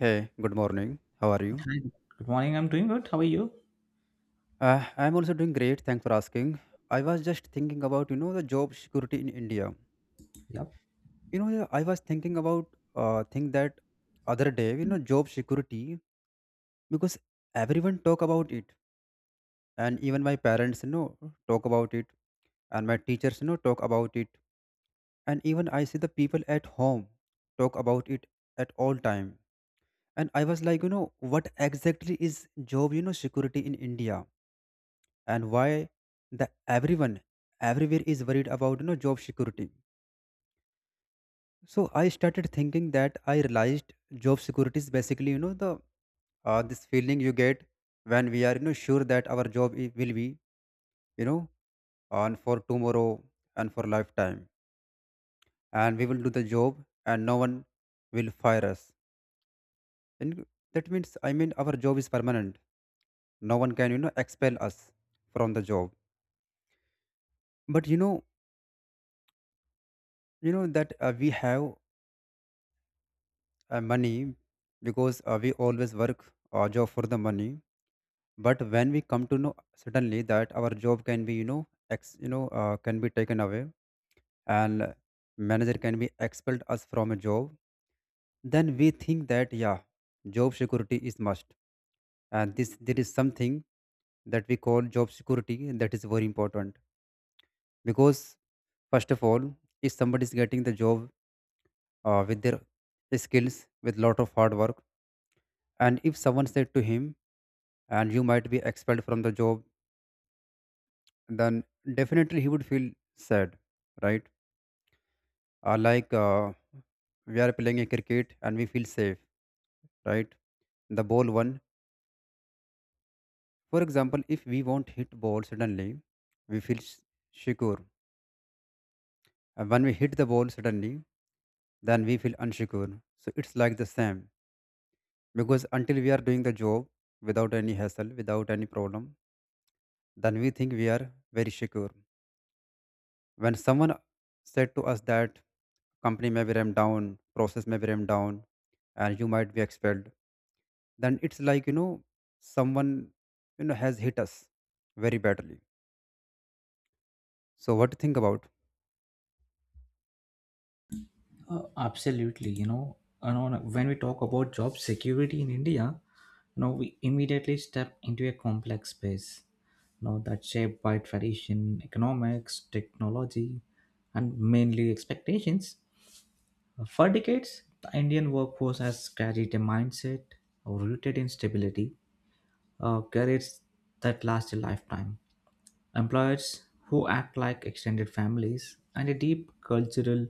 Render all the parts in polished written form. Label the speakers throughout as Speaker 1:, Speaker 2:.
Speaker 1: Hey, good morning. How are you?
Speaker 2: Hi. Good morning. I'm doing good. How are you?
Speaker 1: I'm also doing great. Thanks for asking. I was just thinking about you know the job security in India.
Speaker 2: Yep.
Speaker 1: I was thinking about thing that other day. You know, job security because everyone talk about it, and even my parents you know talk about it, and my teachers you know talk about it, and even I see the people at home talk about it at all time. And I was like, you know, what exactly is job you know security in India? And why the everyone everywhere is worried about you know job security. So I started thinking that I realized job security is basically you know the this feeling you get when we are you know sure that our will be, you know, on for tomorrow and for lifetime, and we will do the job and no one will fire us. And that means, I mean, our job is permanent. No one can you know expel us from the job. But you know, you know that we have money because we always work our job for the money. But when we come to know suddenly that our job can be you know ex you know can be taken away and manager can be expelled us from a job, then we think that yeah, job security is must. And this there is something that we call job security, and that is very important because first of all, if somebody is getting the job with their skills, with lot of hard work, and if someone said to him and you might be expelled from the job, then definitely he would feel sad, right? uh, like uh, we are playing a cricket and we feel safe, right? The ball one, for example, if we won't hit ball suddenly, we feel secure. And when we hit the ball suddenly, then we feel unsecure. So it's like the same, because until we are doing the job without any hassle, without any problem, then we think we are very secure. When someone said to us that company may be ramped down, process may be ramped down, and you might be expelled, then it's like, you know, someone you know has hit us very badly. So what do you think about?
Speaker 2: Absolutely. When we talk about job security in India, we immediately step into a complex space, that's shaped by tradition, economics, technology, and mainly expectations. For decades, the Indian workforce has carried a mindset rooted in stability, careers that last a lifetime. Employers who act like extended families, and a deep cultural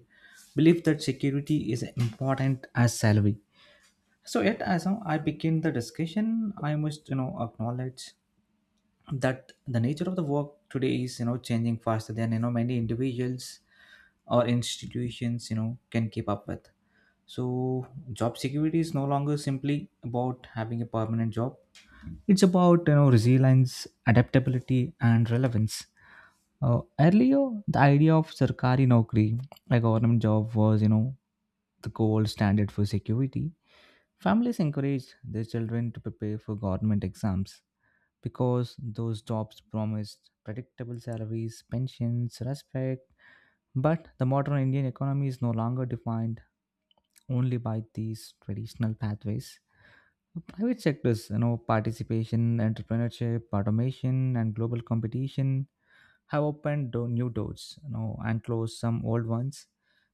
Speaker 2: belief that security is important as salary. So yet as now I begin the discussion, I must acknowledge that the nature of the work today is changing faster than many individuals or institutions can keep up with. So job security is no longer simply about having a permanent job. It's about resilience, adaptability, and relevance. Earlier, the idea of Sarkari Naukri, a government job, was, the gold standard for security. Families encouraged their children to prepare for government exams because those jobs promised predictable salaries, pensions, respect. But the modern Indian economy is no longer defined only by these traditional pathways. Private sectors, participation, entrepreneurship, automation, and global competition have opened new doors and closed some old ones.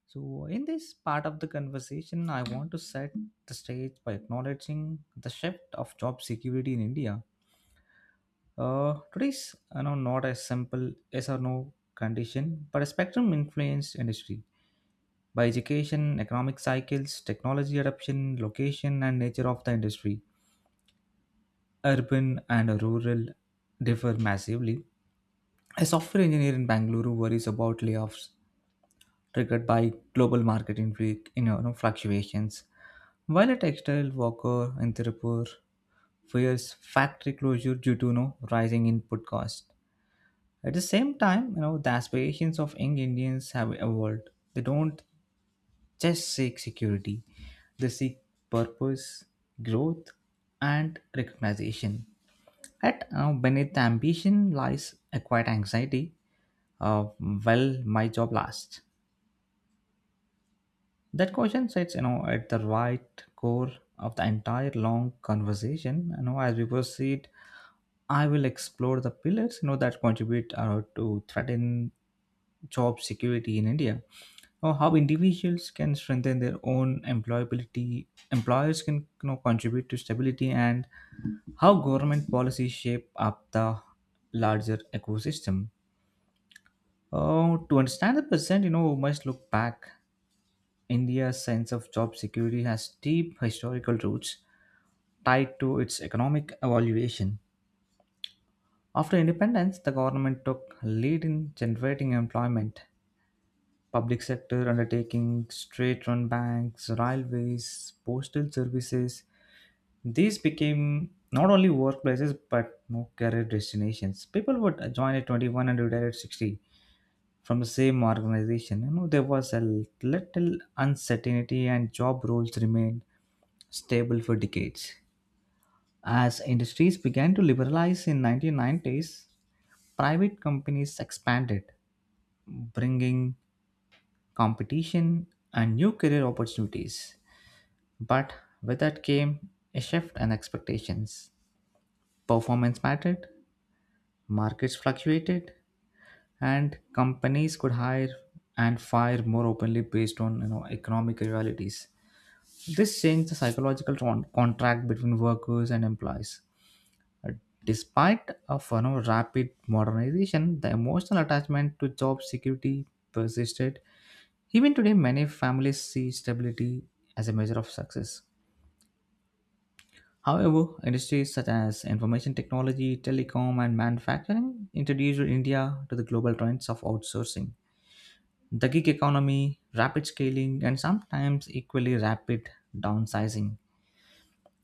Speaker 2: So in this part of the conversation, I want to set the stage by acknowledging the shift of job security in India. Today's not as simple yes or no condition, but a spectrum influenced industry by education, economic cycles, technology adoption, location, and nature of the industry. Urban and rural differ massively. A software engineer in Bangalore worries about layoffs triggered by global market fluctuations. While a textile worker in Tirupur fears factory closure due to rising input cost. At the same time, the aspirations of young Indians have evolved. They don't just seek security; they seek purpose, growth, and recognition. At Beneath the ambition lies a quiet anxiety of will my job last? That question sits, at the right core of the entire long conversation. As we proceed, I will explore the pillars, that contribute to threaten job security in India, or how individuals can strengthen their own employability, employers can contribute to stability, and how government policies shape up the larger ecosystem. To understand the present, we must look back. India's sense of job security has deep historical roots tied to its economic evaluation. After independence, the government took lead in generating employment. Public sector undertakings, state-run banks, railways, postal services, these became not only workplaces but no career destinations. People would join at 21 and retire at 60 from the same organization. There was a little uncertainty and job roles remained stable for decades. As industries began to liberalize in 1990s, private companies expanded, bringing competition and new career opportunities. But with that came a shift in expectations. Performance mattered, markets fluctuated, and companies could hire and fire more openly based on economic realities. This changed the psychological contract between workers and employees. Despite of rapid modernization, the emotional attachment to job security persisted. Even today, many families see stability as a measure of success. However, industries such as information technology, telecom, and manufacturing introduced India to the global trends of outsourcing. The gig economy, rapid scaling, and sometimes equally rapid downsizing.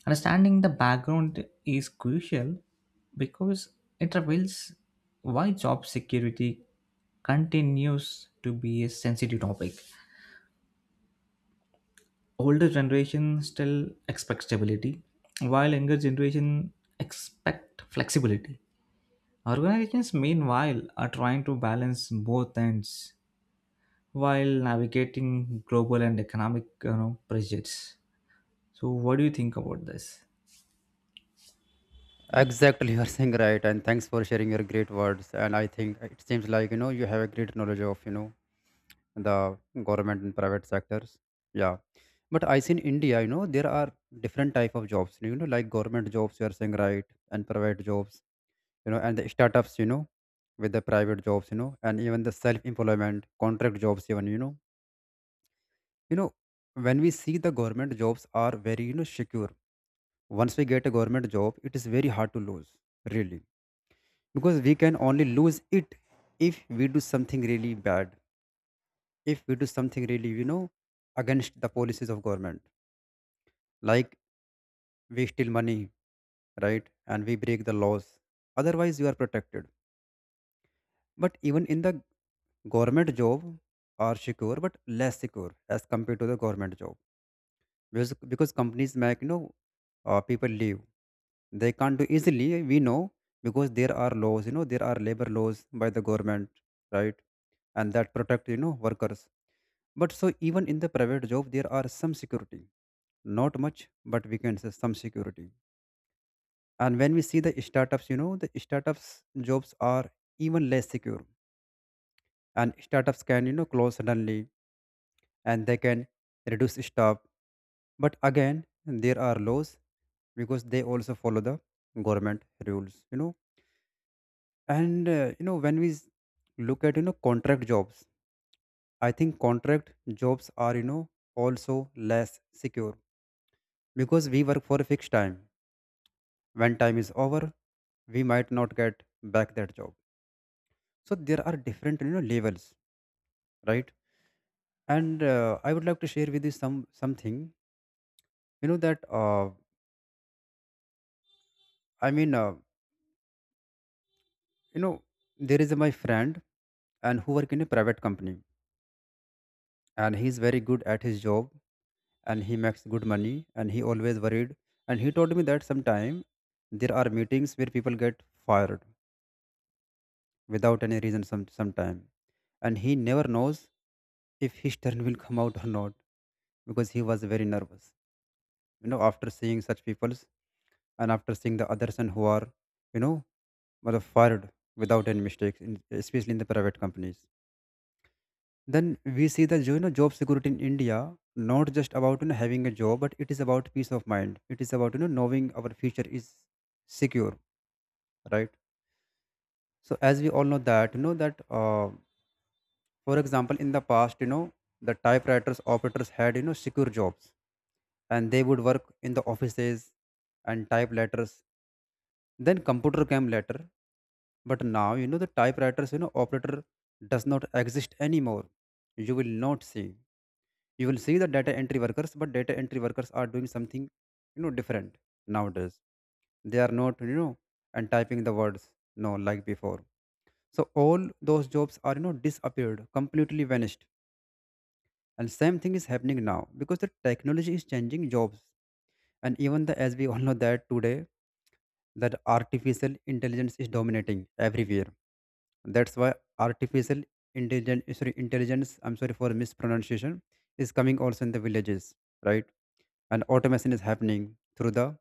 Speaker 2: Understanding the background is crucial because it reveals why job security continues to be a sensitive topic. Older generation still expect stability, while younger generation expect flexibility. Organizations, meanwhile, are trying to balance both ends while navigating global and economic pressures. So, what do you think about this?
Speaker 1: Exactly, you are saying right, and thanks for sharing your great words. And I think it seems like you know you have a great knowledge of you know the government and private sectors. Yeah, but I see in India, you know, there are different type of jobs. You know, like government jobs, you are saying right, and private jobs, you know, and the startups, you know, with the private jobs, you know, and even the self employment contract jobs even, you know. You know, when we see the government jobs are very you know secure. Once we get a government job, it is very hard to lose, really, because we can only lose it if we do something really bad, if we do something really, you know, against the policies of government, like we steal money, right, and we break the laws. Otherwise you are protected. But even in the Government job are secure but less secure as compared to the government job, because companies make you know people leave, they can't do easily we know, because there are laws, you know, there are labor laws by the government, right, and that protect you know workers. But so even in the private job there are some security, not much, but we can say some security. And when we see the startups, you know, the startups jobs are even less secure, and startups can you know close suddenly, and they can reduce stop. But again, there are laws because they also follow the government rules, you know. And you know, when we look at you know contract jobs, I think contract jobs are, you know, also less secure because we work for a fixed time. When time is over, we might not get back that job. So there are different you know levels, right? And I would like to share with you some something you know that i mean uh, you know, there is my friend and who work in a private company, and he is very good at his job, and he makes good money and he always worried. And he told me that sometime there are meetings where people get fired without any reason sometime, and he never knows if his turn will come out or not, because he was very nervous you know after seeing such peoples, and after seeing the others and who are, you know, were fired without any mistakes in, especially in the private companies. Then we see the you know job security in India, not just about you know having a job, but it is about peace of mind. It is about you know knowing our future is secure, right? So as we all know that you know that for example in the past, you know, the typewriters operators had you know secure jobs, and they would work in the offices and type letters. Then computer came later. But now, you know, the typewriters, you know, operator does not exist anymore. You will not see. You will see the data entry workers, but data entry workers are doing something you know different nowadays. They are not, you know, and typing the words, no, like before. So all those jobs are you know disappeared, completely vanished. And same thing is happening now because the technology is changing jobs. And even the as we all know that today that artificial intelligence is dominating everywhere. That's why artificial intelligence, sorry, intelligence, I'm sorry for mispronunciation, is coming also in the villages, right? And automation is happening through the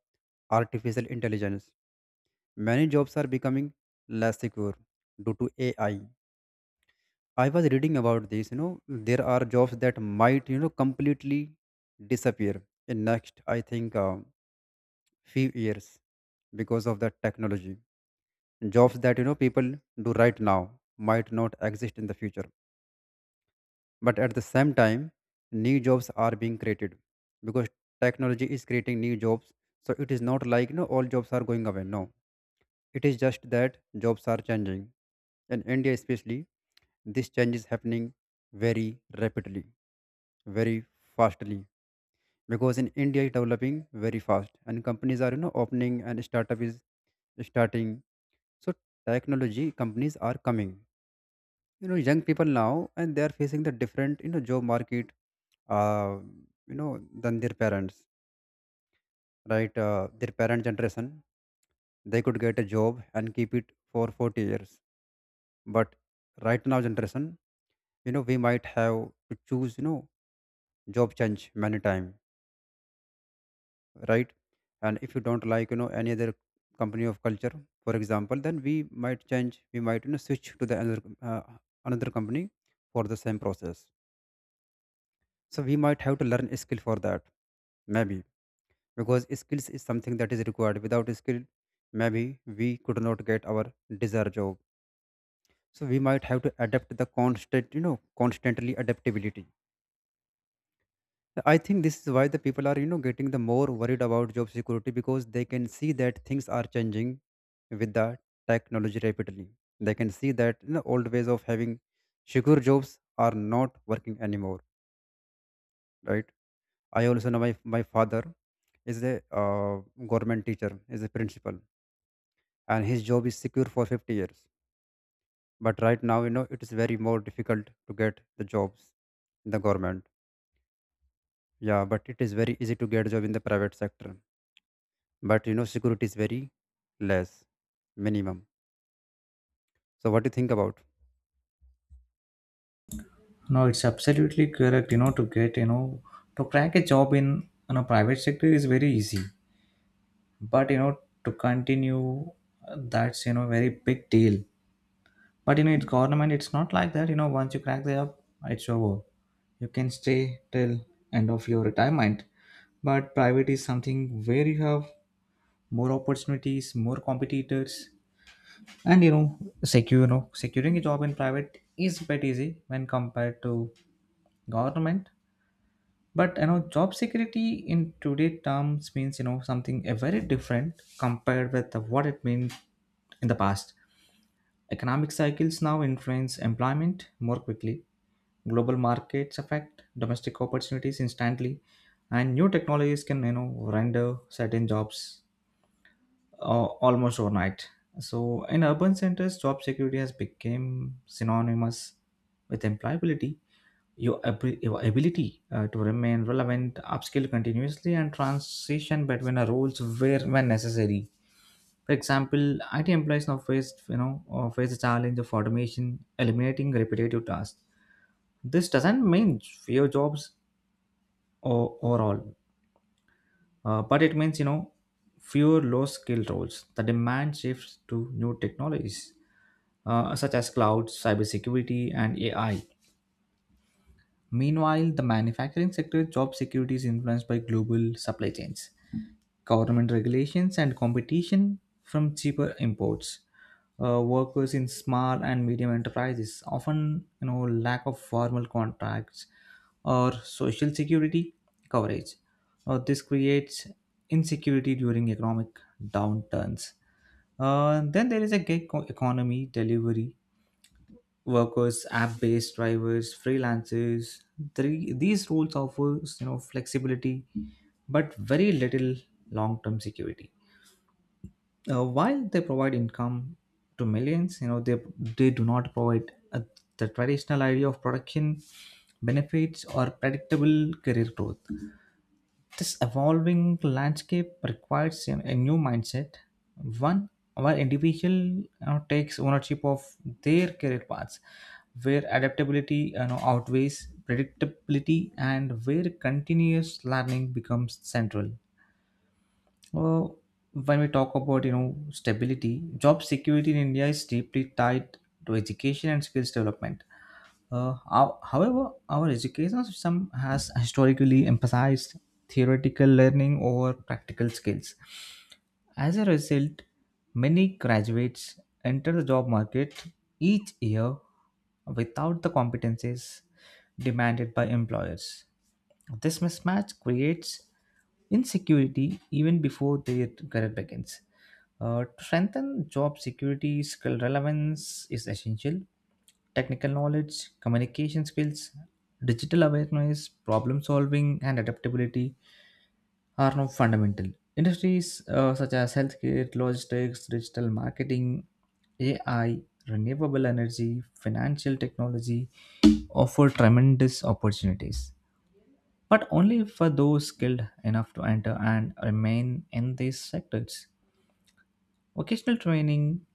Speaker 1: artificial intelligence. Many jobs are becoming less secure due to AI. I was reading about this, you know, there are jobs that might, you know, completely disappear in next, I think, few years because of the technology. Jobs that, you know, people do right now might not exist in the future. But at the same time, new jobs are being created because technology is creating new jobs. So it is not like no all jobs are going away. No, it is just that jobs are changing. In India, especially, this change is happening very rapidly, very fastly, because in India it's developing very fast and companies are you know opening and startup is starting. So technology companies are coming. You know, young people now and they are facing the different you know job market, uh, you know, than their parents, right? Their parent generation, they could get a job and keep it for 40 years. But right now generation, you know, we might have to choose you know job change many time, right? And if you don't like you know any other company of culture, for example, then we might change, we might you know switch to the another another company for the same process. So we might have to learn a skill for that, maybe, because skills is something that is required. Without skill, maybe we could not get our desired job. So we might have to adapt the constant you know constantly adaptability. I think this is why the people are you know getting the more worried about job security because they can see that things are changing with the technology rapidly. They can see that, you know, old ways of having secure jobs are not working anymore, right? I also know my father is a government teacher, is a principal, and his job is secure for 50 years. But right now, you know, it is very more difficult to get the jobs in the government. Yeah, but it is very easy to get job in the private sector. But you know, security is very less, minimum. So what do you think about?
Speaker 2: No, it's absolutely correct. To get, to crack a job in, private sector is very easy. But, to continue, that's, very big deal. But, it's government, it's not like that. Once you crack the job, it's over. You can stay till end of your retirement. But private is something where you have more opportunities, more competitors. And, secure, securing a job in private is a bit easy when compared to government. But job security in today terms means something very different compared with what it meant in the past. Economic cycles now influence employment more quickly, global markets affect domestic opportunities instantly, and new technologies can render certain jobs almost overnight. So in urban centers job security has become synonymous with employability, your ability to remain relevant, upskill continuously, and transition between a roles where when necessary. For example, IT employees now face you know face the challenge of automation, eliminating repetitive tasks. This doesn't mean fewer jobs or overall, but it means fewer low-skill roles. The demand shifts to new technologies such as cloud, cybersecurity, and AI. Meanwhile, the manufacturing sector job security is influenced by global supply chains, government regulations, and competition from cheaper imports. Workers in small and medium enterprises often, lack of formal contracts or social security coverage. This creates insecurity during economic downturns. Then there is a gig economy delivery workers, app-based drivers, freelancers. Three, these roles offers flexibility, but very little long-term security. While they provide income to millions, they do not provide the traditional idea of production benefits or predictable career growth. This evolving landscape requires a new mindset, one where individual takes ownership of their career paths, where adaptability outweighs predictability, and where continuous learning becomes central. Well, when we talk about stability, job security in India is deeply tied to education and skills development. However, our education system has historically emphasized theoretical learning over practical skills. As a result, many graduates enter the job market each year without the competencies demanded by employers. This mismatch creates insecurity even before their career begins. To strengthen job security, skill relevance is essential. Technical knowledge, communication skills, digital awareness, problem solving, and adaptability are now fundamental. Industries such as healthcare, logistics, digital marketing, AI, renewable energy, financial technology offer tremendous opportunities but only for those skilled enough to enter and remain in these sectors. Vocational training,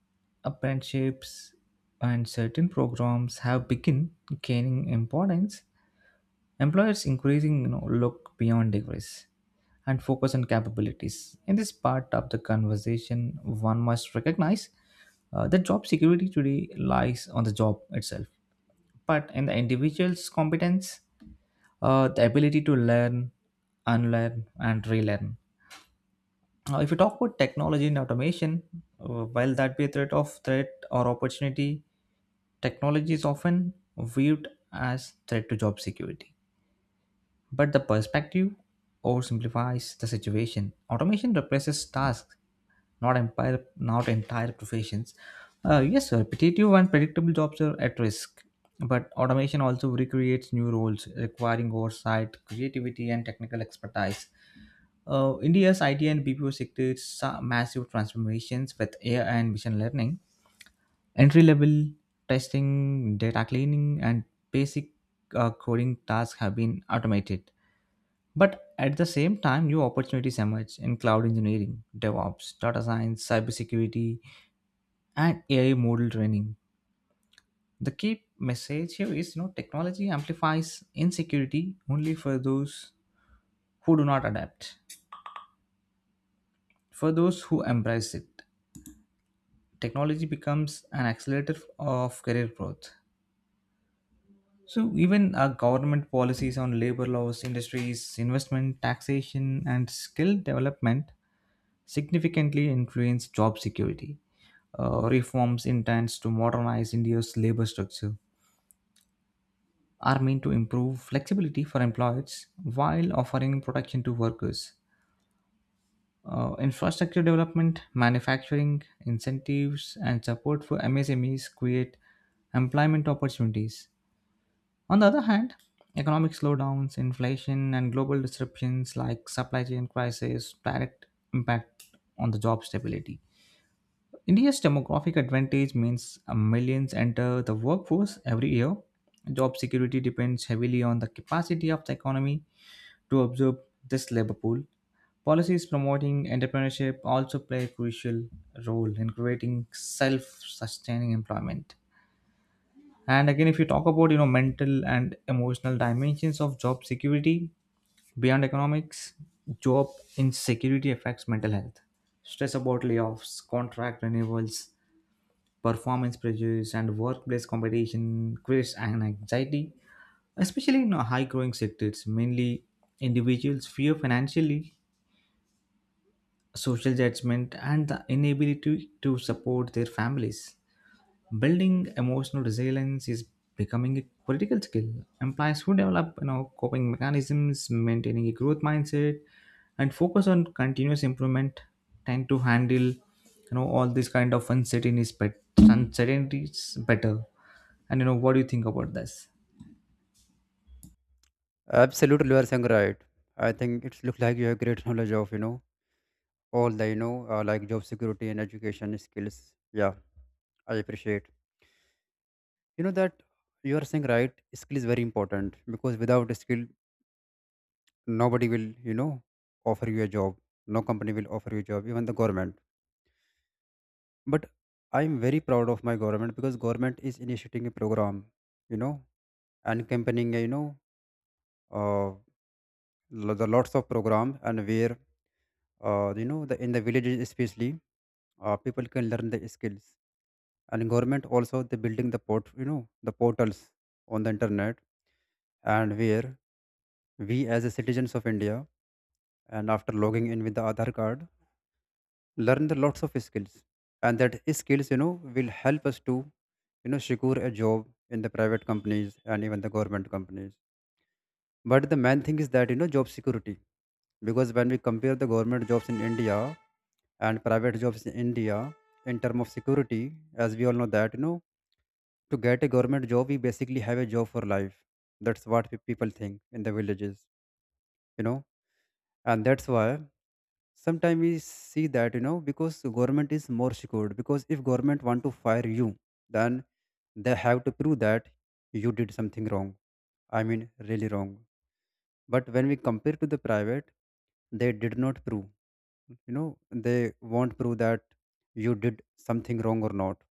Speaker 2: apprenticeships, and certain programs have begun gaining importance. Employers increasing look beyond degrees and focus on capabilities. In this part of the conversation, one must recognize that job security today lies on the job itself, but in the individual's competence, the ability to learn, unlearn, and relearn. Now, if you talk about technology and automation, while that be a threat of threat or opportunity, technology is often viewed as threat to job security. But the perspective oversimplifies the situation. Automation replaces tasks, not empire not entire professions. Yes sir, repetitive and predictable jobs are at risk, but automation also recreates new roles requiring oversight, creativity, and technical expertise. India's IT and BPO sectors saw massive transformations with AI and machine learning. Entry level testing, data cleaning, and basic coding tasks have been automated, but at the same time, new opportunities emerge in cloud engineering, DevOps, data science, cybersecurity, and AI model training. The key message here is technology amplifies insecurity only for those who do not adapt. For those who embrace it, technology becomes an accelerator of career growth. So even our government policies on labor laws, industries, investment, taxation, and skill development significantly influence job security. Reforms intends to modernize India's labor structure are meant to improve flexibility for employees while offering protection to workers. Infrastructure development, manufacturing, incentives, and support for MSMEs create employment opportunities. On the other hand, economic slowdowns, inflation, and global disruptions like supply chain crisis direct impact on the job stability. India's demographic advantage means millions enter the workforce every year. Job security depends heavily on the capacity of the economy to observe this labor pool. Policies promoting entrepreneurship also play a crucial role in creating self-sustaining employment. And again, if you talk about mental and emotional dimensions of job security beyond economics, job insecurity affects mental health. Stress about layoffs, contract renewals, performance pressures, and workplace competition creates an anxiety, especially in high growing sectors. Mainly individuals fear financially, social judgment, and the inability to support their families. Building emotional resilience is becoming a critical skill. Employees who develop coping mechanisms, maintaining a growth mindset, and focus on continuous improvement tend to handle all these kind of uncertainties, but uncertainties better. And what do you think about this?
Speaker 1: Absolutely, you are saying right. I think it looks like you have great knowledge of you know all the you know like job security and education skills. Yeah, I appreciate. You know that you are saying right. Skill is very important because without skill, nobody will offer you a job. No company will offer you a job, even the government. But I am very proud of my government because government is initiating a program, you know and campaigning, uh, the lots of program. And where, the, in the villages especially, people can learn the skills. And government also, they building the port, the portals on the internet. And where we, as a citizens of India, and after logging in with the Aadhar card, learn the lots of skills. And that skills, will help us to secure a job in the private companies and even the government companies. But the main thing is that, job security, because when we compare the government jobs in India and private jobs in India, in term of security, as we all know that, to get a government job, we basically have a job for life. That's what people think in the villages, you know and that's why sometimes we see that, because government is more secured, because if government want to fire you, then they have to prove that you did something wrong. I mean, really wrong. But when we compare to the private, they did not prove, you know they won't prove that you did something wrong or not.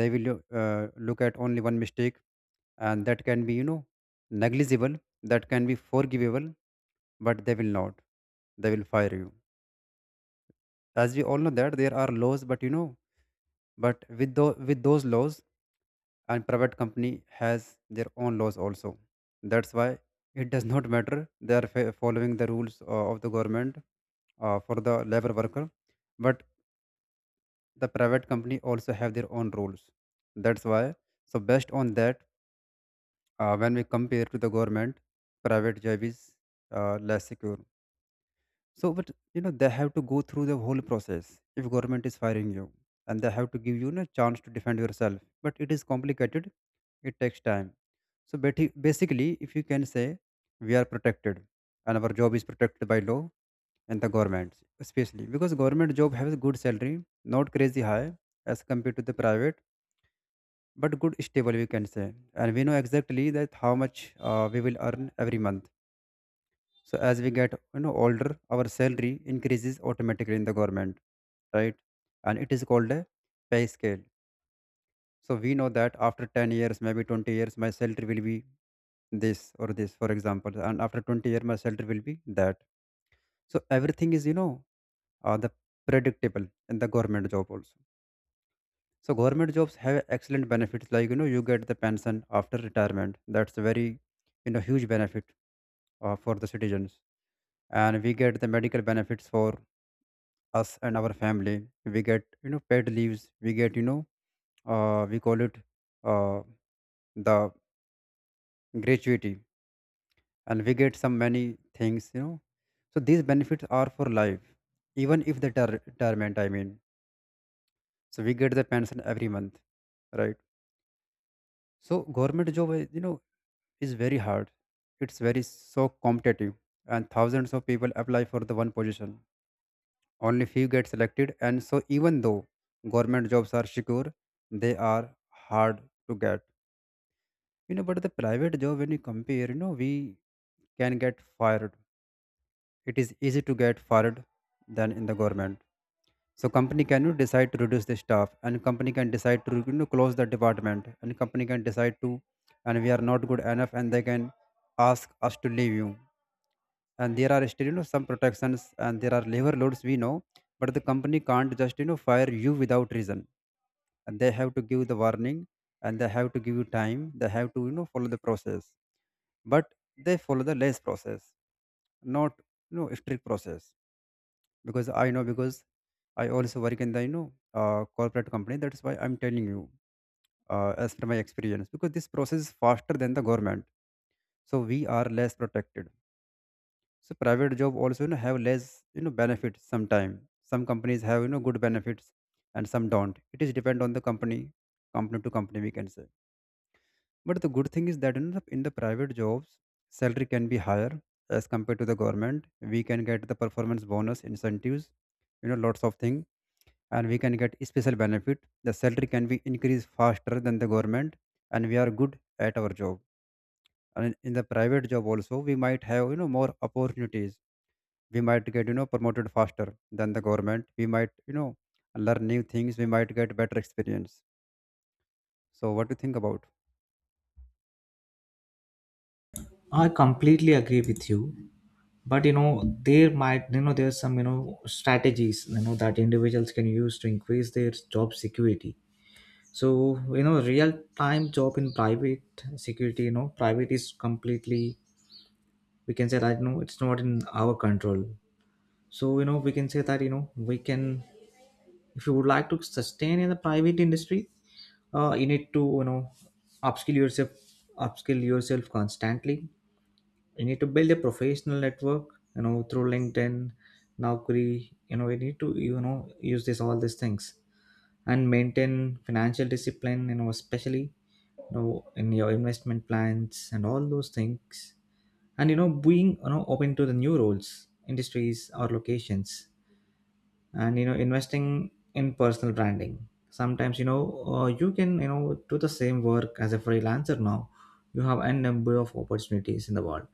Speaker 1: They will look at only one mistake, and that can be, negligible, that can be forgivable, but they will not, they will fire you. As we all know that there are laws, but but with those, laws, and private company has their own laws also. That's why it does not matter, they are following the rules of the government, for the labor worker. But the private company also have their own rules, that's why. So based on that, when we compare to the government, private job is less secure. So, but you know, they have to go through the whole process if government is firing you, and they have to give you a chance to defend yourself. But it is complicated; it takes time. So, basically, if you can say, we are protected, and our job is protected by law and the government, especially because government job has a good salary, not crazy high as compared to the private, but good stable we can say, and we know exactly that how much we will earn every month. So as we get, older, our salary increases automatically in the government, right? And it is called a pay scale. So we know that after 10 years, maybe 20 years, my salary will be this or this, for example, and after 20 years my salary will be that. So everything is, the predictable in the government job also. So government jobs have excellent benefits, like you get the pension after retirement. That's a very, huge benefit for the citizens. And we get the medical benefits for us and our family. We get, paid leaves. We get, we call it, uh, the gratuity, and we get some many things. So these benefits are for life, even if the retirement. I mean, so we get the pension every month, right? So government job is, is very hard. It's very so competitive, and thousands of people apply for the one position. Only few get selected, and so even though government jobs are secure, they are hard to get. You know, but the private job, when you compare, we can get fired. It is easy to get fired than in the government. So company can, decide to reduce the staff, and company can decide to, close the department, and company can decide to, and we are not good enough, and they can ask us to leave you. And there are still, some protections, and there are labor laws we know, but the company can't just, fire you without reason. And they have to give the warning, and they have to give you time, they have to, follow the process. But they follow the less process, not, strict process, because I know, because I also work in the, corporate company. That's why I'm telling you, as per my experience, because this process is faster than the government. So we are less protected. So private job also, have less, benefits sometime. Some companies have, good benefits, and some don't. It is depend on the company, company to company we can say. But the good thing is that in the private jobs, salary can be higher as compared to the government. We can get the performance bonus, incentives, lots of things, and we can get special benefit. The salary can be increased faster than the government, and we are good at our job. And in the private job also, we might have, more opportunities. We might get, promoted faster than the government. We might, learn new things, we might get better experience. So what do you think about?
Speaker 2: I completely agree with you, but there might there's some strategies that individuals can use to increase their job security. So real time job in private security, private is completely, we can say that it's not in our control. So we can say that we can if you would like to sustain in the private industry, you need to upskill yourself, upskill yourself constantly. You need to build a professional network, through LinkedIn, Naukri. You need to use this all these things, and maintain financial discipline, especially you know in your investment plans and all those things. And being open to the new roles, industries, or locations, and investing in personal branding. Sometimes you can do the same work as a freelancer. Now you have n number of opportunities in the world.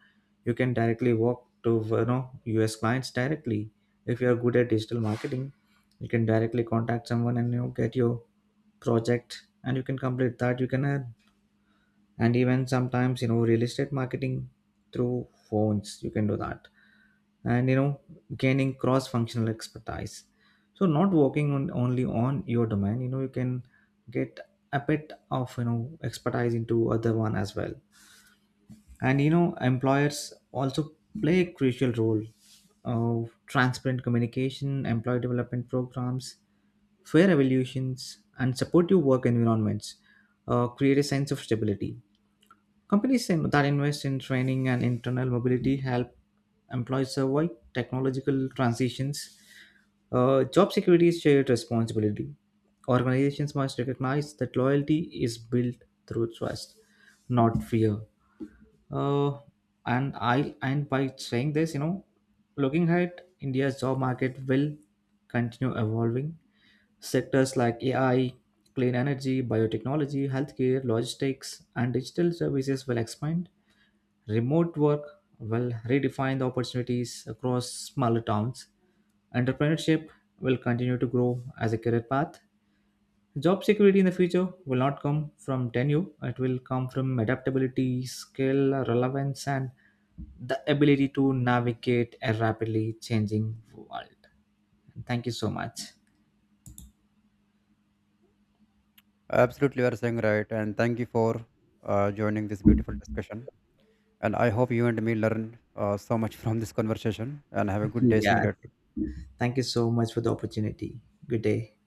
Speaker 2: You can directly walk to US clients directly. If you are good at digital marketing, you can directly contact someone and get your project and you can complete that, you can earn. And even sometimes real estate marketing through phones, you can do that. And gaining cross functional expertise, so not working on only on your domain, you can get a bit of expertise into other one as well. And employers also play a crucial role of transparent communication, employee development programs, fair evaluations, and supportive work environments create a sense of stability. Companies that invest in training and internal mobility help employees survive technological transitions. Job security is shared responsibility. Organizations must recognize that loyalty is built through trust, not fear. Uh, and by saying this, looking ahead, India's job market will continue evolving. Sectors like AI, clean energy, biotechnology, healthcare, logistics, and digital services will expand. Remote work will redefine the opportunities across smaller towns. Entrepreneurship will continue to grow as a career path. Job security in the future will not come from tenure, it will come from adaptability, skill, relevance, and the ability to navigate a rapidly changing world. Thank you so much.
Speaker 1: Absolutely, you are saying right, and thank you for joining this beautiful discussion. And I hope you and me learn so much from this conversation. And have a good day, see you
Speaker 2: Yeah,
Speaker 1: later.
Speaker 2: thank you so much for the opportunity. Good day.